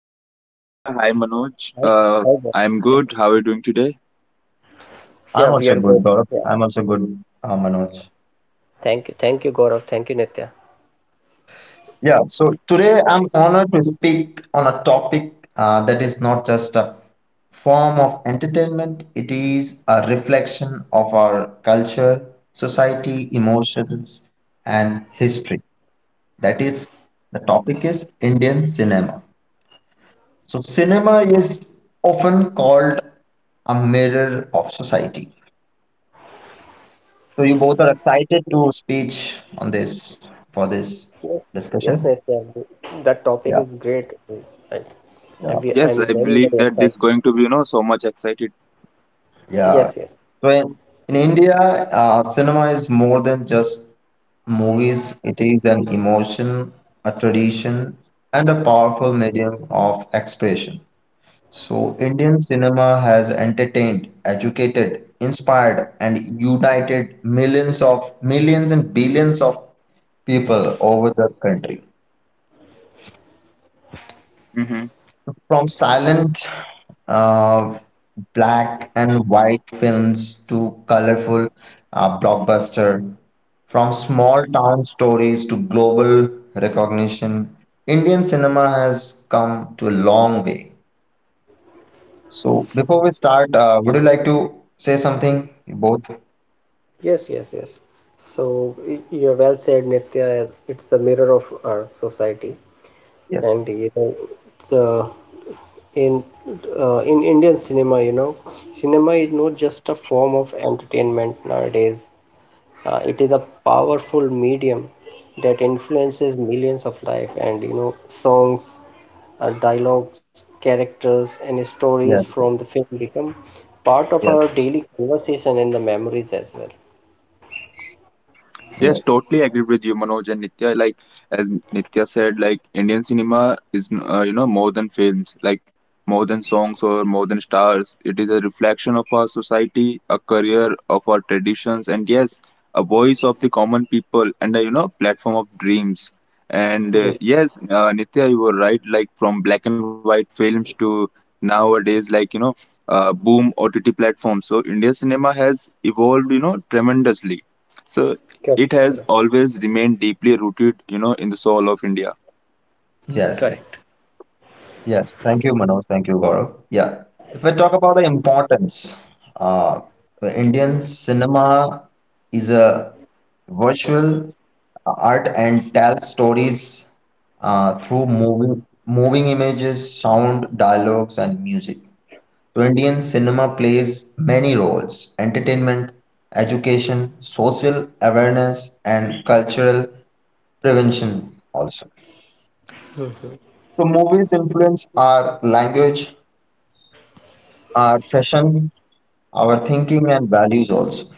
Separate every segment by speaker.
Speaker 1: Yeah,
Speaker 2: Yeah,
Speaker 1: hi
Speaker 2: hi
Speaker 1: Nitya,
Speaker 2: Nitya.
Speaker 1: hi Manoj.
Speaker 2: Hi,
Speaker 1: Uh,
Speaker 2: hi there.
Speaker 1: I'm good. How are you doing today?
Speaker 3: I'm
Speaker 2: Yeah, we
Speaker 3: also
Speaker 2: are
Speaker 3: good,
Speaker 2: good.
Speaker 3: Gaurav.
Speaker 2: Yeah,
Speaker 3: I'm also good, Manoj.
Speaker 2: thank you, Gaurav. Thank you, Nitya.
Speaker 3: Yeah, so today I'm honored to speak on a topic that is not just a form of entertainment, it is a reflection of our culture, society, emotions, and history. That is, the topic is Indian cinema. So, cinema is often called a mirror of society. So, you both are excited to speech on this for this
Speaker 2: Yes, yes,
Speaker 3: discussion.
Speaker 2: Nitya. That topic
Speaker 3: Yeah,
Speaker 2: is great, and
Speaker 3: yeah.
Speaker 2: I'm
Speaker 1: Yes,
Speaker 2: I'm
Speaker 1: I
Speaker 2: very,
Speaker 1: believe
Speaker 2: very
Speaker 1: that this
Speaker 2: excited.
Speaker 1: is going to be, you know, so much excited.
Speaker 3: Yeah.
Speaker 2: Yes, yes,
Speaker 3: So in India, cinema is more than just movies, it is an emotion, a tradition, and a powerful medium of expression. So, Indian cinema has entertained, educated, inspired, and united millions of millions and billions of people over the country.
Speaker 1: Mm-hmm.
Speaker 3: From silent, uh, black and white films to colorful blockbuster, from small town stories to global recognition, Indian cinema has come to a long way. So, before we start, would you like to say something, both?
Speaker 2: yes. So you're well said, Nitya. It's a mirror of our society,
Speaker 3: Yes,
Speaker 2: and you know, the, in in Indian cinema, you know, cinema is not just a form of entertainment nowadays. It is a powerful medium that influences millions of life and you know songs, dialogues, characters and stories
Speaker 3: yes,
Speaker 2: from the film become part of our
Speaker 3: yes,
Speaker 2: daily conversation and the memories as well.
Speaker 1: Yes,
Speaker 3: yes,
Speaker 1: totally agree with you, Manoj and Nitya. Like as Nitya said, like Indian cinema is you know more than films, like more than songs or more than stars. It is a reflection of our society, a career of our traditions, and yes, a voice of the common people and a you know platform of dreams. And
Speaker 2: Yes,
Speaker 1: yes, Nitya, you were right. Like from black and white films to nowadays, like you know, boom OTT platforms. So India cinema has evolved, you know, tremendously. So
Speaker 2: correct,
Speaker 1: it has
Speaker 2: correct.
Speaker 1: always remained deeply rooted you know in the soul of India.
Speaker 3: yes.
Speaker 2: Correct.
Speaker 3: Yes, thank you, Manoj. Thank you, Gaurav. Yeah, if we talk about the importance, uh, the Indian cinema is a virtual art and tells stories through moving images, sound, dialogues, and music. So, Indian cinema plays many roles: entertainment, education, social awareness, and cultural prevention also.
Speaker 2: Hmm.
Speaker 3: So movies influence our language, our fashion, our thinking, and values also.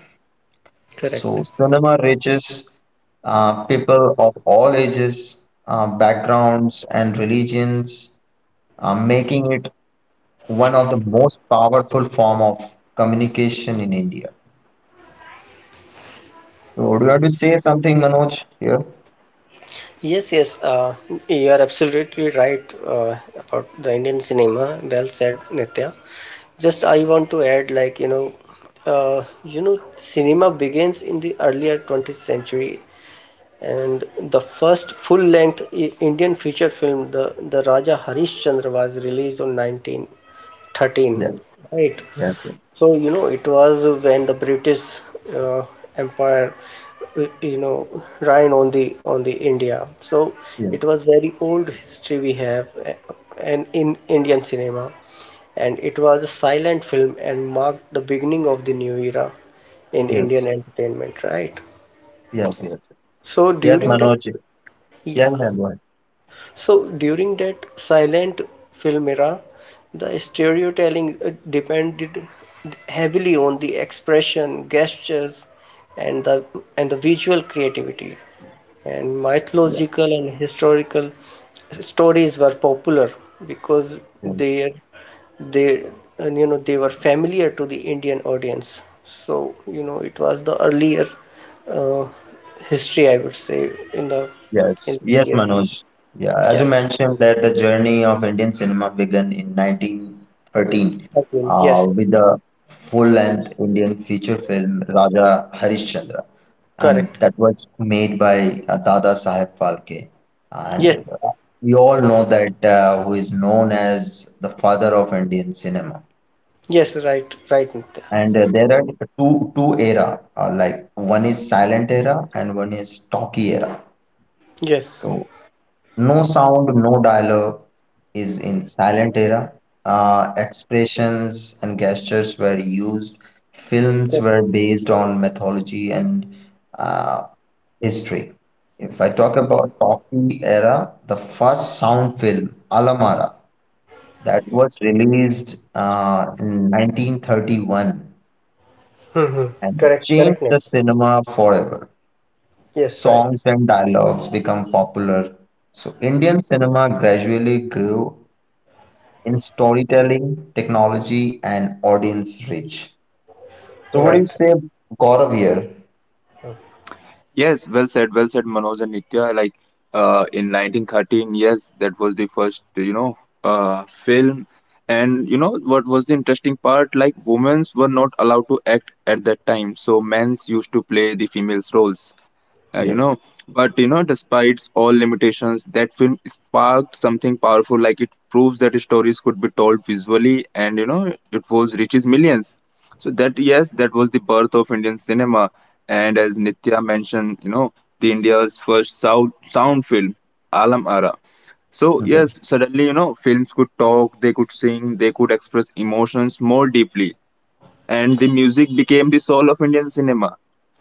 Speaker 2: Correct.
Speaker 3: So, cinema reaches people of all ages, backgrounds, and religions, making it one of the most powerful form of communication in India. So, do you want to say something, Manoj? Here?
Speaker 2: Yes, yes, you are absolutely right about the Indian cinema. Well said, Nitya. Just I want to add, like, you know, cinema begins in the earlier 20th century and the first full-length Indian feature film, the Raja Harishchandra, was released on 1913.
Speaker 3: Yes.
Speaker 2: Right.
Speaker 3: Yes. Yes.
Speaker 2: So, you know, it was when the British uh, Empire, you know, ran on the India. So
Speaker 3: Yes.
Speaker 2: it was very old history we have, and in Indian cinema, and it was a silent film and marked the beginning of the new era in Indian
Speaker 3: Yes.
Speaker 2: entertainment. Right.
Speaker 3: Yes. Yes.
Speaker 2: So
Speaker 3: Yes,
Speaker 2: during that,
Speaker 3: Manoj. Yes.
Speaker 2: yeah.
Speaker 3: Yes.
Speaker 2: So during that silent film era, the storytelling depended heavily on the expression, gestures, and the visual creativity. And
Speaker 3: Yes.
Speaker 2: mythological and historical stories were popular because
Speaker 3: Yes.
Speaker 2: they they you know they were familiar to the Indian audience. So you know it was the earlier uh, history, I would say, in
Speaker 3: Yes, yes,
Speaker 2: India.
Speaker 3: Manoj. Yeah, as
Speaker 2: Yeah.
Speaker 3: you mentioned that the journey of Indian cinema began in 1913
Speaker 2: Okay, yes,
Speaker 3: with the full-length Indian feature film Raja Harishchandra, and
Speaker 2: correct.
Speaker 3: that was made by Dada Saheb Phalke. And
Speaker 2: Yes,
Speaker 3: uh, we all know that who is known as the father of Indian cinema.
Speaker 2: yes, right, right, Nitya.
Speaker 3: And there are two era, like one is silent era and one is talkie era.
Speaker 2: Yes,
Speaker 3: So no sound, no dialogue is in silent era. Expressions and gestures were used. Films
Speaker 2: yes,
Speaker 3: were based on mythology and uh, history. If I talk
Speaker 2: yes.
Speaker 3: about Talkie era, the first sound film, Alamara, that was released in 1931
Speaker 2: Mm-hmm.
Speaker 3: and
Speaker 2: Correct, correct,
Speaker 3: changed the
Speaker 2: Nitya.
Speaker 3: cinema forever.
Speaker 2: Yes, right,
Speaker 3: Songs and dialogues become popular. So Indian cinema gradually grew in storytelling, technology, and audience reach. So, what do you
Speaker 2: right.
Speaker 3: say, Gaurav here?
Speaker 1: Yes, well said, well said, Manoj and Nitya. Like in 1913, yes, that was the first you know film. And you know what was the interesting part, like women's were not allowed to act at that time, so men's used to play the females roles, you
Speaker 3: Yes.
Speaker 1: know. But you know despite all limitations, that film sparked something powerful. Like it proves that stories could be told visually, and you know it was reaches millions. So that, yes, that was the birth of Indian cinema. And as Nitya mentioned, you know, the India's first sound film, Alam Ara. So
Speaker 3: Mhm.
Speaker 1: yes, suddenly you know films could talk, they could sing, they could express emotions more deeply, and the music became the soul of Indian cinema.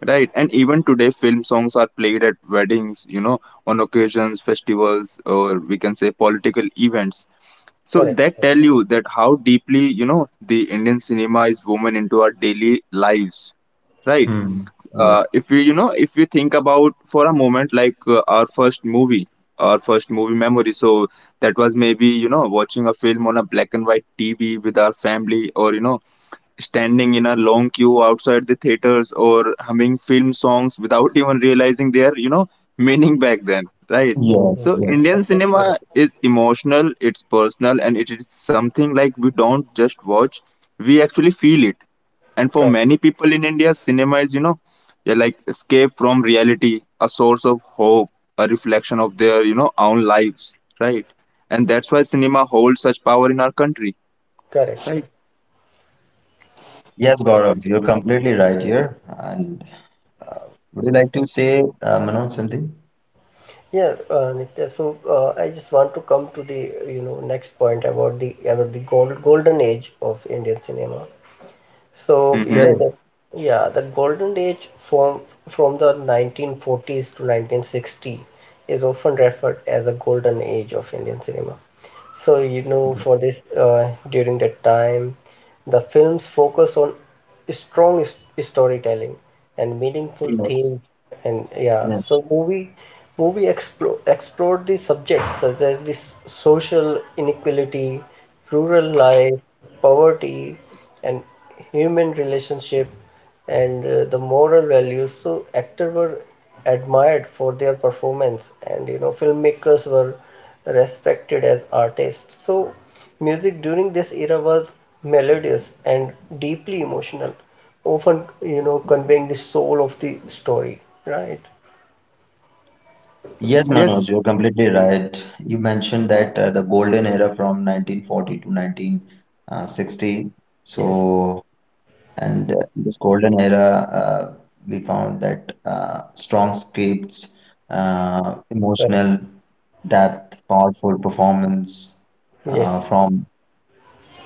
Speaker 1: Right, and even today, film songs are played at weddings, you know, on occasions, festivals, or we can say political events. So that tell you that how deeply you know the Indian cinema is woven into our daily lives, right?
Speaker 3: Hmm. Yes.
Speaker 1: If we think about for a moment like our first movie memory. So that was maybe you know watching a film on a black and white TV with our family, or you know standing in a long queue outside the theaters, or humming film songs without even realizing their you know meaning back then, right?
Speaker 2: Mhm.
Speaker 3: Yes.
Speaker 1: So
Speaker 3: Yes.
Speaker 1: Indian
Speaker 2: Absolutely right.
Speaker 1: cinema is emotional, it's personal, and it is something like we don't just watch, we actually feel it. And for
Speaker 2: Correct,
Speaker 1: many people in India, cinema is, you know, yeah, like escape from reality, a source of hope, a reflection of their, you know, own lives, right? And that's why cinema holds such power in our country,
Speaker 2: correct,
Speaker 1: right?
Speaker 2: correct.
Speaker 3: Yes, Gaurav, you're completely right here. And uh, would you like to say, Manoj, something?
Speaker 2: Yeah, Nitya. So I just want to come to the you know next point about the golden age of Indian cinema. So you
Speaker 3: Yeah. Yeah.
Speaker 2: know
Speaker 1: Mm-hmm.
Speaker 2: the golden age from the 1940s to 1960 is often referred as a golden age of Indian cinema. So, you
Speaker 3: Okay.
Speaker 2: know, for this, during that time, the films focus on strong storytelling and meaningful
Speaker 3: Yes.
Speaker 2: themes, and yeah,
Speaker 3: Yes.
Speaker 2: so movie explored the subjects such as this social inequality, rural life, poverty, and human relationship and the moral values. So actors were admired for their performance, and you know filmmakers were respected as artists. So music during this era was melodious and deeply emotional, often you know conveying the soul of the story. Right?
Speaker 3: Yes, Manoj,
Speaker 1: Yes.
Speaker 3: you're completely right. You mentioned that the golden era from 1940 to 1960.
Speaker 2: Yes.
Speaker 3: So And in this golden era, we found that strong scripts,
Speaker 2: Correct.
Speaker 3: emotional depth, powerful performance
Speaker 2: Yes.
Speaker 3: from,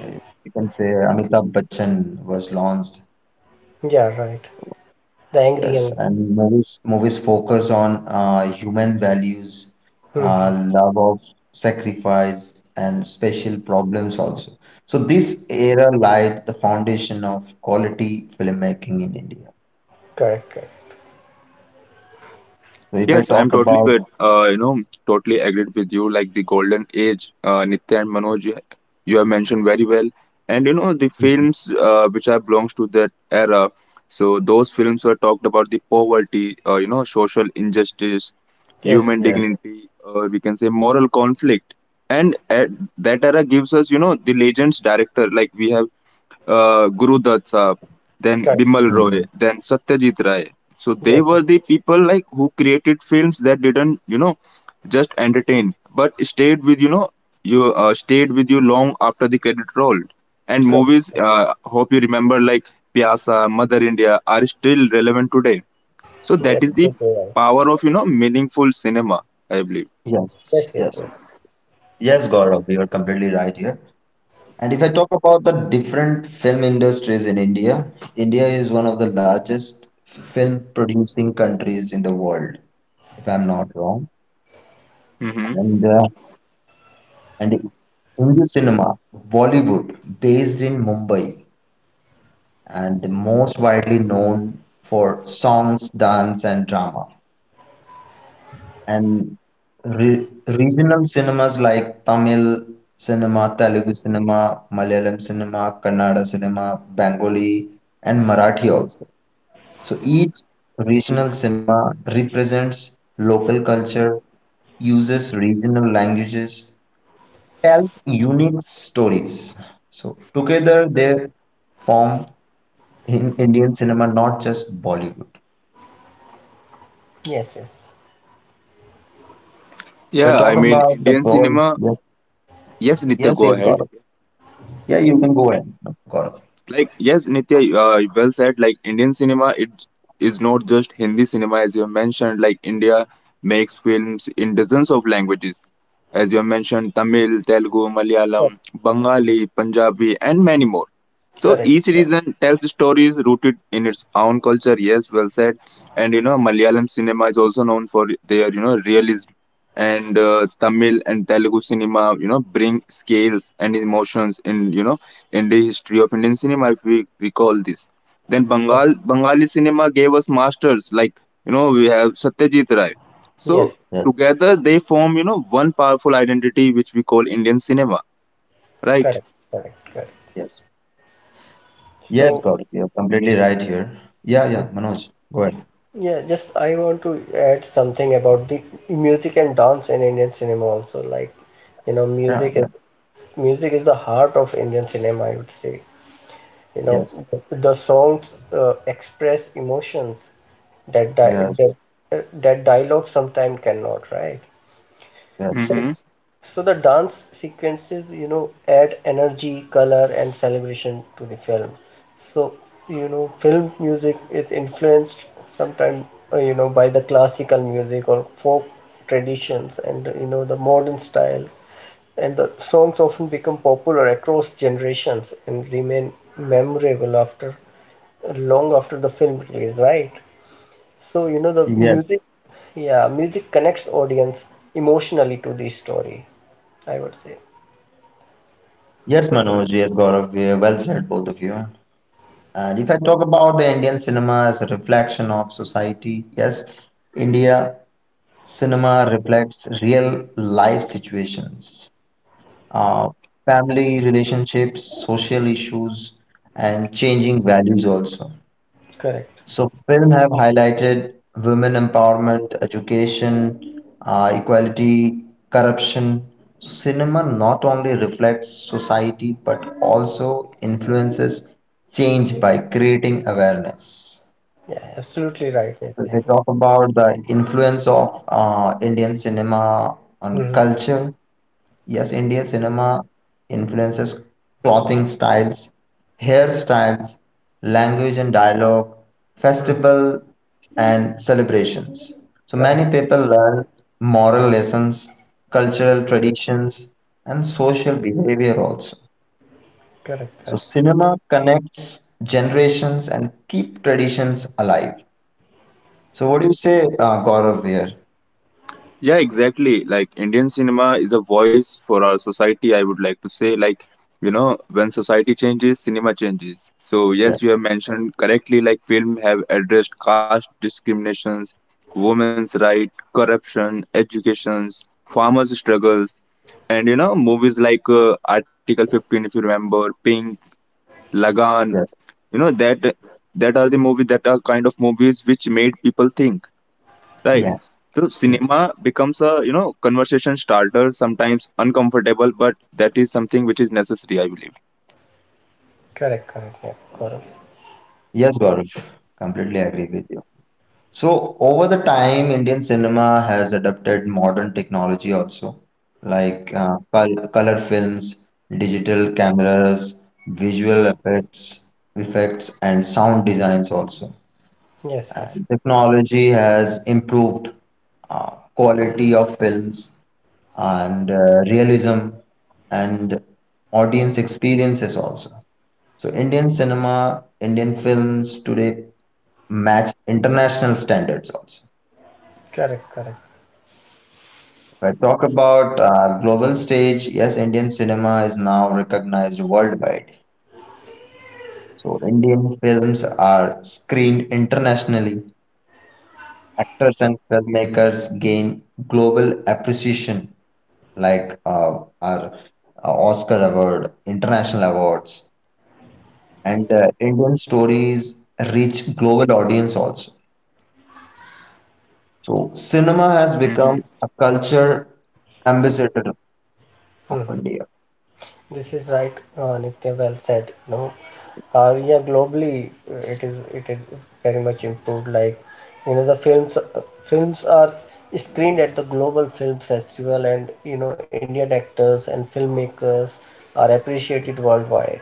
Speaker 3: uh, you can say, Amitabh Bachchan was launched.
Speaker 2: Yeah. Right. The angry
Speaker 3: Yes,
Speaker 2: young.
Speaker 3: and movies focus on human values,
Speaker 2: Hmm.
Speaker 3: love of sacrifice, and special problems also. So this era laid the foundation of quality filmmaking in India.
Speaker 2: Correct. Correct.
Speaker 3: So if I
Speaker 1: Yes, I'm
Speaker 3: talk
Speaker 1: totally
Speaker 3: about
Speaker 1: with you know totally agreed with you. Like the golden age, Nitya and Manoj, you have mentioned very well. And you know the
Speaker 3: Mhm.
Speaker 1: films which are belongs to that era. So those films were talked about the poverty, you know, social injustice,
Speaker 2: Yes, yes,
Speaker 1: human
Speaker 3: Yes.
Speaker 1: dignity, or we can say moral conflict. And at that era gives us you know the legends director like we have Guru Dutt Saab, then
Speaker 2: correct.
Speaker 1: Bimal Roy,
Speaker 3: Mhm.
Speaker 1: then Satyajit Ray. So they
Speaker 2: Yes, yes,
Speaker 1: were the people like who created films that didn't, you know, just entertain, but stayed with, you know, you stayed with you long after the credit rolled. And
Speaker 2: correct.
Speaker 1: movies, hope you remember, like Pyasa, Mother India, are still relevant today. So that
Speaker 2: Yes.
Speaker 1: is the
Speaker 2: Yes.
Speaker 1: power of, you know, meaningful cinema, I believe.
Speaker 3: Yes.
Speaker 2: Yes. Yes.
Speaker 3: Yes. Yes, Gaurav, you are completely right here. And if I talk about the different film industries in India, India is one of the largest film producing countries in the world, if I'm not wrong.
Speaker 1: hmm
Speaker 3: And uh, and Hindi cinema, Bollywood, based in Mumbai, and most widely known for songs, dance, and drama. And regional cinemas like Tamil cinema, Telugu cinema, Malayalam cinema, Kannada cinema, Bengali, and Marathi also. So each regional cinema represents local culture, uses regional languages, tells unique stories. So together they form in Indian cinema, not just Bollywood.
Speaker 2: Yes. Yes.
Speaker 3: We
Speaker 1: Yeah, I
Speaker 3: talk
Speaker 1: mean,
Speaker 3: about the
Speaker 1: Indian
Speaker 3: role.
Speaker 1: cinema.
Speaker 3: Yes,
Speaker 1: Yes, Nitya,
Speaker 3: yes,
Speaker 1: go
Speaker 3: yes,
Speaker 1: ahead.
Speaker 3: Gaurav. Yeah, you can go ahead, Gaurav.
Speaker 1: Like yes, Nitya, well said. Like Indian cinema, it is not just Hindi cinema, as you have mentioned. Like India makes films in dozens of languages, as you have mentioned, Tamil, Telugu, Malayalam,
Speaker 2: Correct.
Speaker 1: Bengali, Punjabi, and many more. So
Speaker 2: Correct.
Speaker 1: each
Speaker 3: Yeah.
Speaker 1: region tells stories rooted in its own culture. Yes, well said. And you know, Malayalam cinema is also known for their you know realism, and Tamil and Telugu cinema, you know, bring scales and emotions in, you know, in the history of Indian cinema, if we recall this. Then
Speaker 2: Oh,
Speaker 1: Bengal, Bengali cinema gave us masters like, you know, we have Satyajit Ray. So
Speaker 2: yes,
Speaker 3: Yes,
Speaker 1: together they form, you know, one powerful identity which we call Indian cinema, right?
Speaker 2: correct, correct.
Speaker 3: yes. Yes,
Speaker 2: So,
Speaker 3: Gaurav, you're completely right here. Yeah,
Speaker 2: mm,
Speaker 3: yeah, Manoj, go ahead.
Speaker 2: yeah, just I want to add something about the music and dance in Indian cinema also. Like, you know,
Speaker 3: Yeah,
Speaker 2: music
Speaker 3: yeah.
Speaker 2: is music is the heart of Indian cinema, I would say. You know,
Speaker 3: Yes,
Speaker 2: the songs express emotions that di
Speaker 3: yes,
Speaker 2: that that dialogue sometimes cannot, right?
Speaker 3: yes,
Speaker 2: So
Speaker 3: yes.
Speaker 1: hmm
Speaker 2: So the dance sequences, you know, add energy, color, and celebration to the film. So, you know, film music is influenced sometimes, you know, by the classical music or folk traditions and, you know, the modern style. And the songs often become popular across generations and remain memorable after long after the film release, right? So, you know,
Speaker 3: Yes,
Speaker 2: music connects audience emotionally to the story, I would say.
Speaker 3: yes, Manoj, yes, Gaurav, yeah, well said, both of you. And if I talk about the Indian cinema as a reflection of society, yes, India cinema reflects real life situations, uh, family relationships, social issues, and changing values also.
Speaker 2: Correct.
Speaker 3: So film have highlighted women empowerment, education, equality, corruption. So cinema not only reflects society but also influences change by creating awareness.
Speaker 2: Yeah, absolutely right,
Speaker 3: So they
Speaker 2: Nitya.
Speaker 3: talk about the influence of Indian cinema on
Speaker 2: Mm-hmm.
Speaker 3: culture. Yes, Indian cinema influences clothing styles, hairstyles, language and dialogue,
Speaker 2: Mm.
Speaker 3: festival and celebrations. So many
Speaker 2: Correct,
Speaker 3: people learn moral lessons, cultural traditions, and social behavior also.
Speaker 2: correct,
Speaker 3: So
Speaker 2: correct,
Speaker 3: cinema connects generations and keep traditions alive. So what do you say, Gaurav here?
Speaker 1: Yeah, exactly. Like Indian cinema is a voice for our society, I would like to say. Like, you know, when society changes, cinema changes. So yes,
Speaker 3: Yes,
Speaker 1: you have mentioned correctly, like film have addressed caste discriminations, women's right, corruption, educations, farmers' struggles, and you know, movies like Article 15, if you remember, Pink, Lagan,
Speaker 3: yes,
Speaker 1: you know, that are the movies that are kind of movies which made people think. Right.
Speaker 3: yes,
Speaker 1: So
Speaker 3: yes.
Speaker 1: cinema becomes a you know conversation starter, sometimes uncomfortable, but that is something which is necessary, I believe.
Speaker 2: correct. Yeah, Gaurav.
Speaker 3: Yes, Gaurav, completely agree with you. So over the time, Indian cinema has adopted modern technology also, like color films, digital cameras, visual effects, and sound designs also.
Speaker 2: Yes, yes.
Speaker 3: And technology has improved quality of films and realism and audience experiences also. So Indian cinema, Indian films today match international standards also.
Speaker 2: Correct, correct.
Speaker 3: If I talk about global stage. Yes, Indian cinema is now recognized worldwide. So Indian films are screened internationally. Actors and filmmakers gain global appreciation, like our Oscar award, international awards, and Indian stories reach global audience also. So cinema has
Speaker 1: hmm
Speaker 3: become a culture ambassador of
Speaker 2: Mm-hmm.
Speaker 3: India.
Speaker 2: This is right, Nitya. Well said. You know, yeah, globally it is very much improved. Like you know, the films are screened at the global film festival, and you know, Indian actors and filmmakers are appreciated worldwide.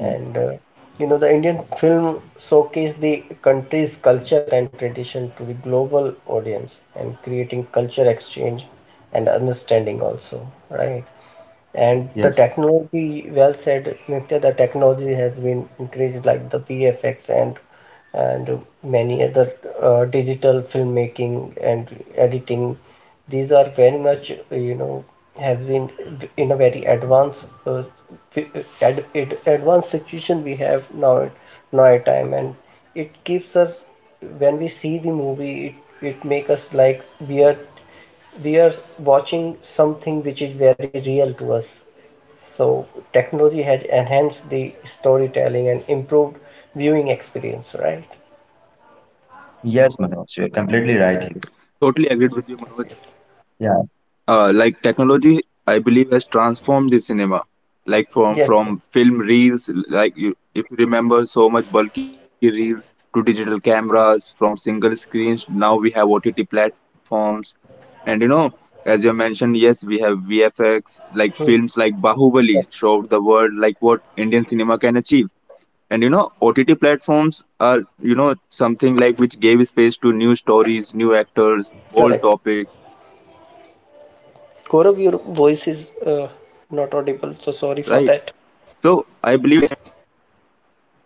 Speaker 3: Yeah.
Speaker 2: you know, the Indian film showcase the country's culture and tradition to the global audience, and creating culture exchange and understanding also, right? And the
Speaker 3: Yes.
Speaker 2: technology, well said, Nitya, the technology has been increased like the VFX and many other digital filmmaking and editing. These are very much, you know, has been in a very advanced advanced situation we have now time, and it keeps us when we see the movie, it make us like we are we are watching something which is very real to us, so technology has enhanced the storytelling and improved viewing experience, right?
Speaker 3: Yes, Manoj, you're completely right here.
Speaker 1: Totally agreed with you, Manoj.
Speaker 2: Yes, yes,
Speaker 3: Yeah.
Speaker 1: Like technology, I believe has transformed the cinema. Like from
Speaker 2: yes.
Speaker 1: from film reels, like you, if you remember, so much bulky reels to digital cameras, from single screens. Now we have OTT platforms, and you know, as you mentioned, yes, we have VFX.
Speaker 2: Hmm,
Speaker 1: Like films like
Speaker 2: cor-
Speaker 1: Bahubali showed the world like what Indian cinema can achieve. And you know, OTT platforms are you know something like which gave space to new stories, new actors, bold
Speaker 2: correct.
Speaker 1: topics, right? So I believe
Speaker 2: Gaurav,
Speaker 1: like
Speaker 2: your
Speaker 1: today's Indian
Speaker 2: voice is
Speaker 1: cinema, like in
Speaker 2: not
Speaker 1: Indian
Speaker 2: audible, so
Speaker 1: cinema,
Speaker 2: sorry for that.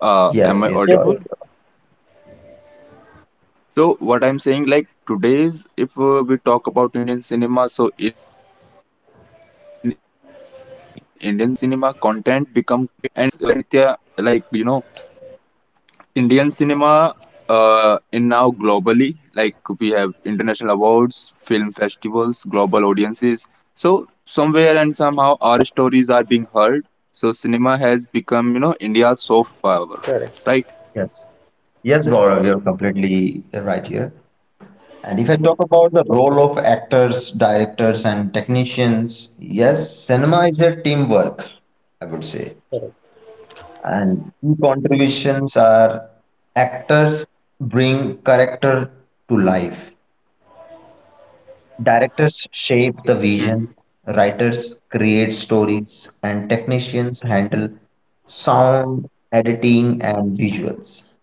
Speaker 1: am
Speaker 3: Yes,
Speaker 1: I
Speaker 3: yes,
Speaker 2: Yes,
Speaker 3: Gaurav.
Speaker 1: audible?
Speaker 2: yes,
Speaker 1: So what I'm saying, like today's, if we talk about Indian cinema, so in Indian cinema, content become king again, right? And yes, well said, Nitya. Like you know, Indian cinema in now globally. Like we have international awards, film festivals, global audiences. So somewhere and somehow our stories are being heard. So cinema has become, you know, India's soft power,
Speaker 2: correct,
Speaker 1: right?
Speaker 3: Yes. Yes, Gaurav, you're completely right here. And if I talk about the role of actors, directors, and technicians, yes, cinema is a teamwork, I would say.
Speaker 2: correct,
Speaker 3: And key contributions are actors bring character to life. Directors shape the vision,
Speaker 1: Mhm.
Speaker 3: writers create stories, and technicians handle sound, editing, and visuals.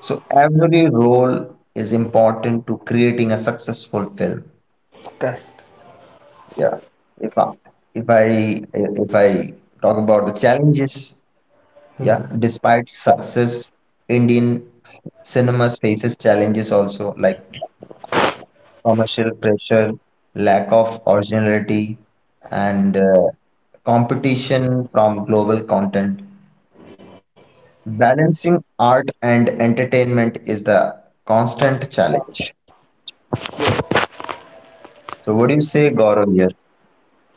Speaker 3: So every role is important to creating a successful film.
Speaker 2: correct.
Speaker 3: Yeah. If I, if I if I talk about the challenges, yeah,
Speaker 2: Mhm.
Speaker 3: despite success, Indian cinemas faces challenges also like commercial pressure, lack of originality, and competition from global content. Balancing art and entertainment is the constant challenge.
Speaker 2: Yes,
Speaker 3: So, what do you say, Gaurav, here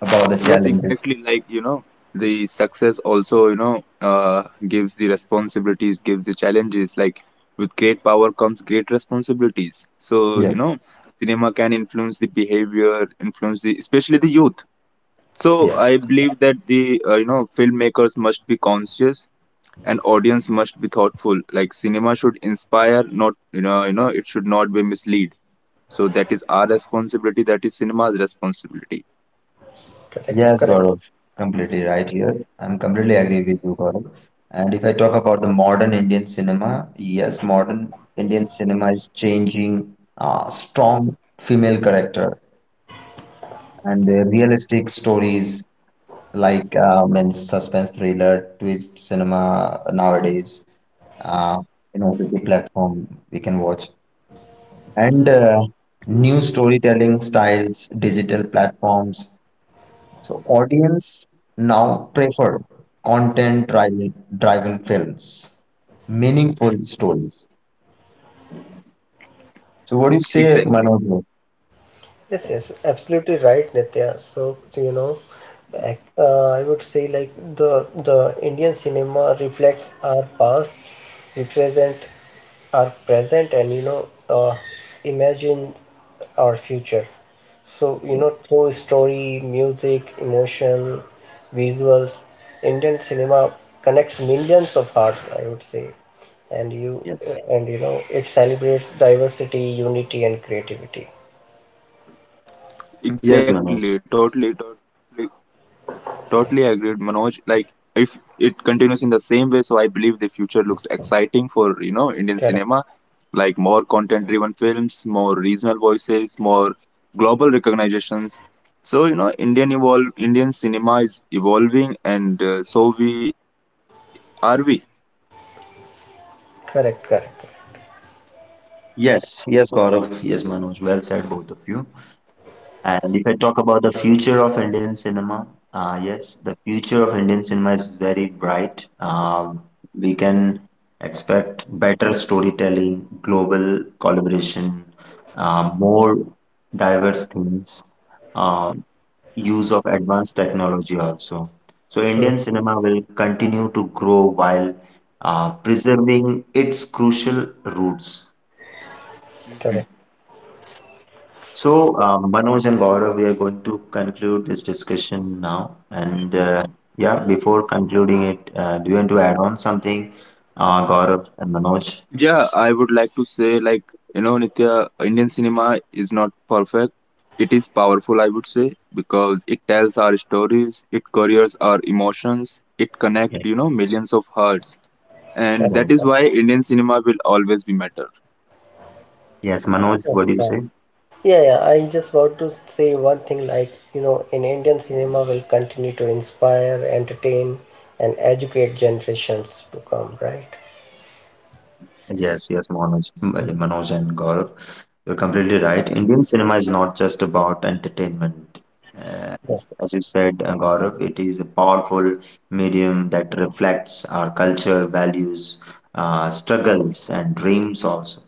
Speaker 3: about the
Speaker 1: Yes,
Speaker 3: challenges?
Speaker 1: exactly. Like you know, the success also you know uh, gives the responsibilities, gives the challenges. Like with great power comes great responsibilities. So
Speaker 3: Yeah.
Speaker 1: you know, cinema can influence the behavior, influence the especially the youth. So
Speaker 3: Yes.
Speaker 1: I believe that the you know filmmakers must be conscious and audience must be thoughtful. Like cinema should inspire, not you know you know it should not be mislead. So that is our responsibility. That is cinema's responsibility.
Speaker 2: correct,
Speaker 3: Yes,
Speaker 2: correct.
Speaker 3: Gaurav. Completely right here. I'm completely agree with you, Gaurav. And if I talk about the modern Indian cinema, yes, modern Indian cinema is changing strong female character and the realistic stories like means suspense thriller, twist cinema nowadays. Uh, in OTT platform, we can watch and new storytelling styles, digital platforms. So audience now prefer content driven films, meaningful
Speaker 1: Mm.
Speaker 3: stories. So what do you say, Manoj?
Speaker 1: Exactly.
Speaker 2: Yes, yes, absolutely right, Nitya. So, you know, I would say like the Indian cinema reflects our past, represent our present, and you know, uh, imagine our future. So, you
Speaker 3: Yeah,
Speaker 2: know, through story, music, emotion, visuals, Indian cinema connects millions of hearts, I would say. And you,
Speaker 3: yes.
Speaker 2: and you know, it celebrates diversity, unity, and creativity.
Speaker 3: Yes, Manoj.
Speaker 1: Exactly. Totally. Totally. Totally agreed, Manoj.
Speaker 2: Yes,
Speaker 1: Like if it continues in the same way, so I believe the future looks exciting for you know Indian cinema,
Speaker 2: correct.
Speaker 1: like more content-driven films, more regional voices, more global recognitions. So you know, Indian cinema is evolving, and so we are we.
Speaker 2: Correct, correct,
Speaker 3: Yes, yes, Gaurav. Yes, Manoj. Well said, both of you. And if I talk about the future of Indian cinema, yes, the future of Indian cinema is very bright. We can expect better storytelling, global collaboration, more diverse themes, uh, use of advanced technology also. So
Speaker 2: mm,
Speaker 3: Indian cinema will continue to grow while preserving its crucial roots.
Speaker 2: correct,
Speaker 3: So, Manoj and Gaurav, we are going to conclude this discussion now. And yeah, before concluding it, do you want to add on something, Gaurav and Manoj?
Speaker 1: Yeah, I would like to say, like, you know, Nitya, Indian cinema is not perfect. It is powerful, I would say, because it tells our stories, it couriers our emotions, it connects, you
Speaker 3: Yes.
Speaker 1: know, millions of hearts. And
Speaker 2: correct.
Speaker 3: Yeah.
Speaker 1: that is why Indian cinema will always be better.
Speaker 3: Yes, Manoj, what do you
Speaker 2: Understand.
Speaker 3: say?
Speaker 2: Yeah, yeah, I just want to say one thing like, you know, in Indian cinema will continue to inspire, entertain, and educate generations to come, right?
Speaker 3: Yes, yes, Manoj and Gaurav, you're completely right. Indian cinema is not just about entertainment. Uh,
Speaker 2: Yeah,
Speaker 3: as, as you said, Gaurav, it is a powerful medium that reflects our culture, values, struggles, and dreams also.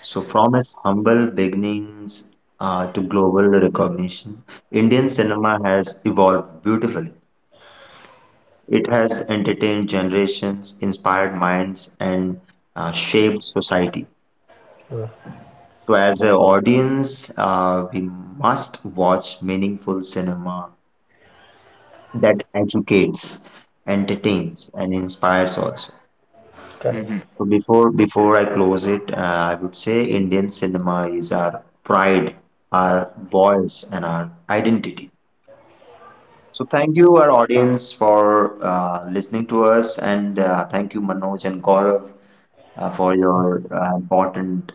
Speaker 3: So, from its humble beginnings to global recognition, Indian cinema has evolved beautifully. It has entertained generations, inspired minds, and shaped society.
Speaker 2: mm,
Speaker 3: So as an audience, we must watch meaningful cinema that educates, entertains, and inspires also.
Speaker 2: correct.
Speaker 1: hmm
Speaker 3: So before I close it, I would say Indian cinema is our pride, our voice, and our identity. So thank you, our audience, for listening to us, and thank you, Manoj and Gaurav, for your important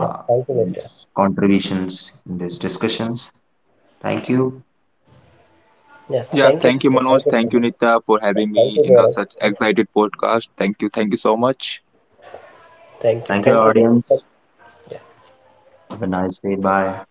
Speaker 2: Yeah. Thank you, Nitya.
Speaker 3: contributions in these discussions. Thank you.
Speaker 2: Yeah,
Speaker 1: Yeah,
Speaker 2: thank you.
Speaker 1: thank you, Manoj.
Speaker 2: Thank you so
Speaker 1: Thank you,
Speaker 2: much.
Speaker 1: Nitya, for
Speaker 2: Yeah,
Speaker 1: having
Speaker 2: thank
Speaker 1: me
Speaker 2: you,
Speaker 1: in a
Speaker 2: Gaurav.
Speaker 1: such excited podcast. Thank you. Thank you so much.
Speaker 2: Thank you.
Speaker 3: Thank you,
Speaker 2: Thank you. Yeah.
Speaker 3: audience. Have a nice day. Bye.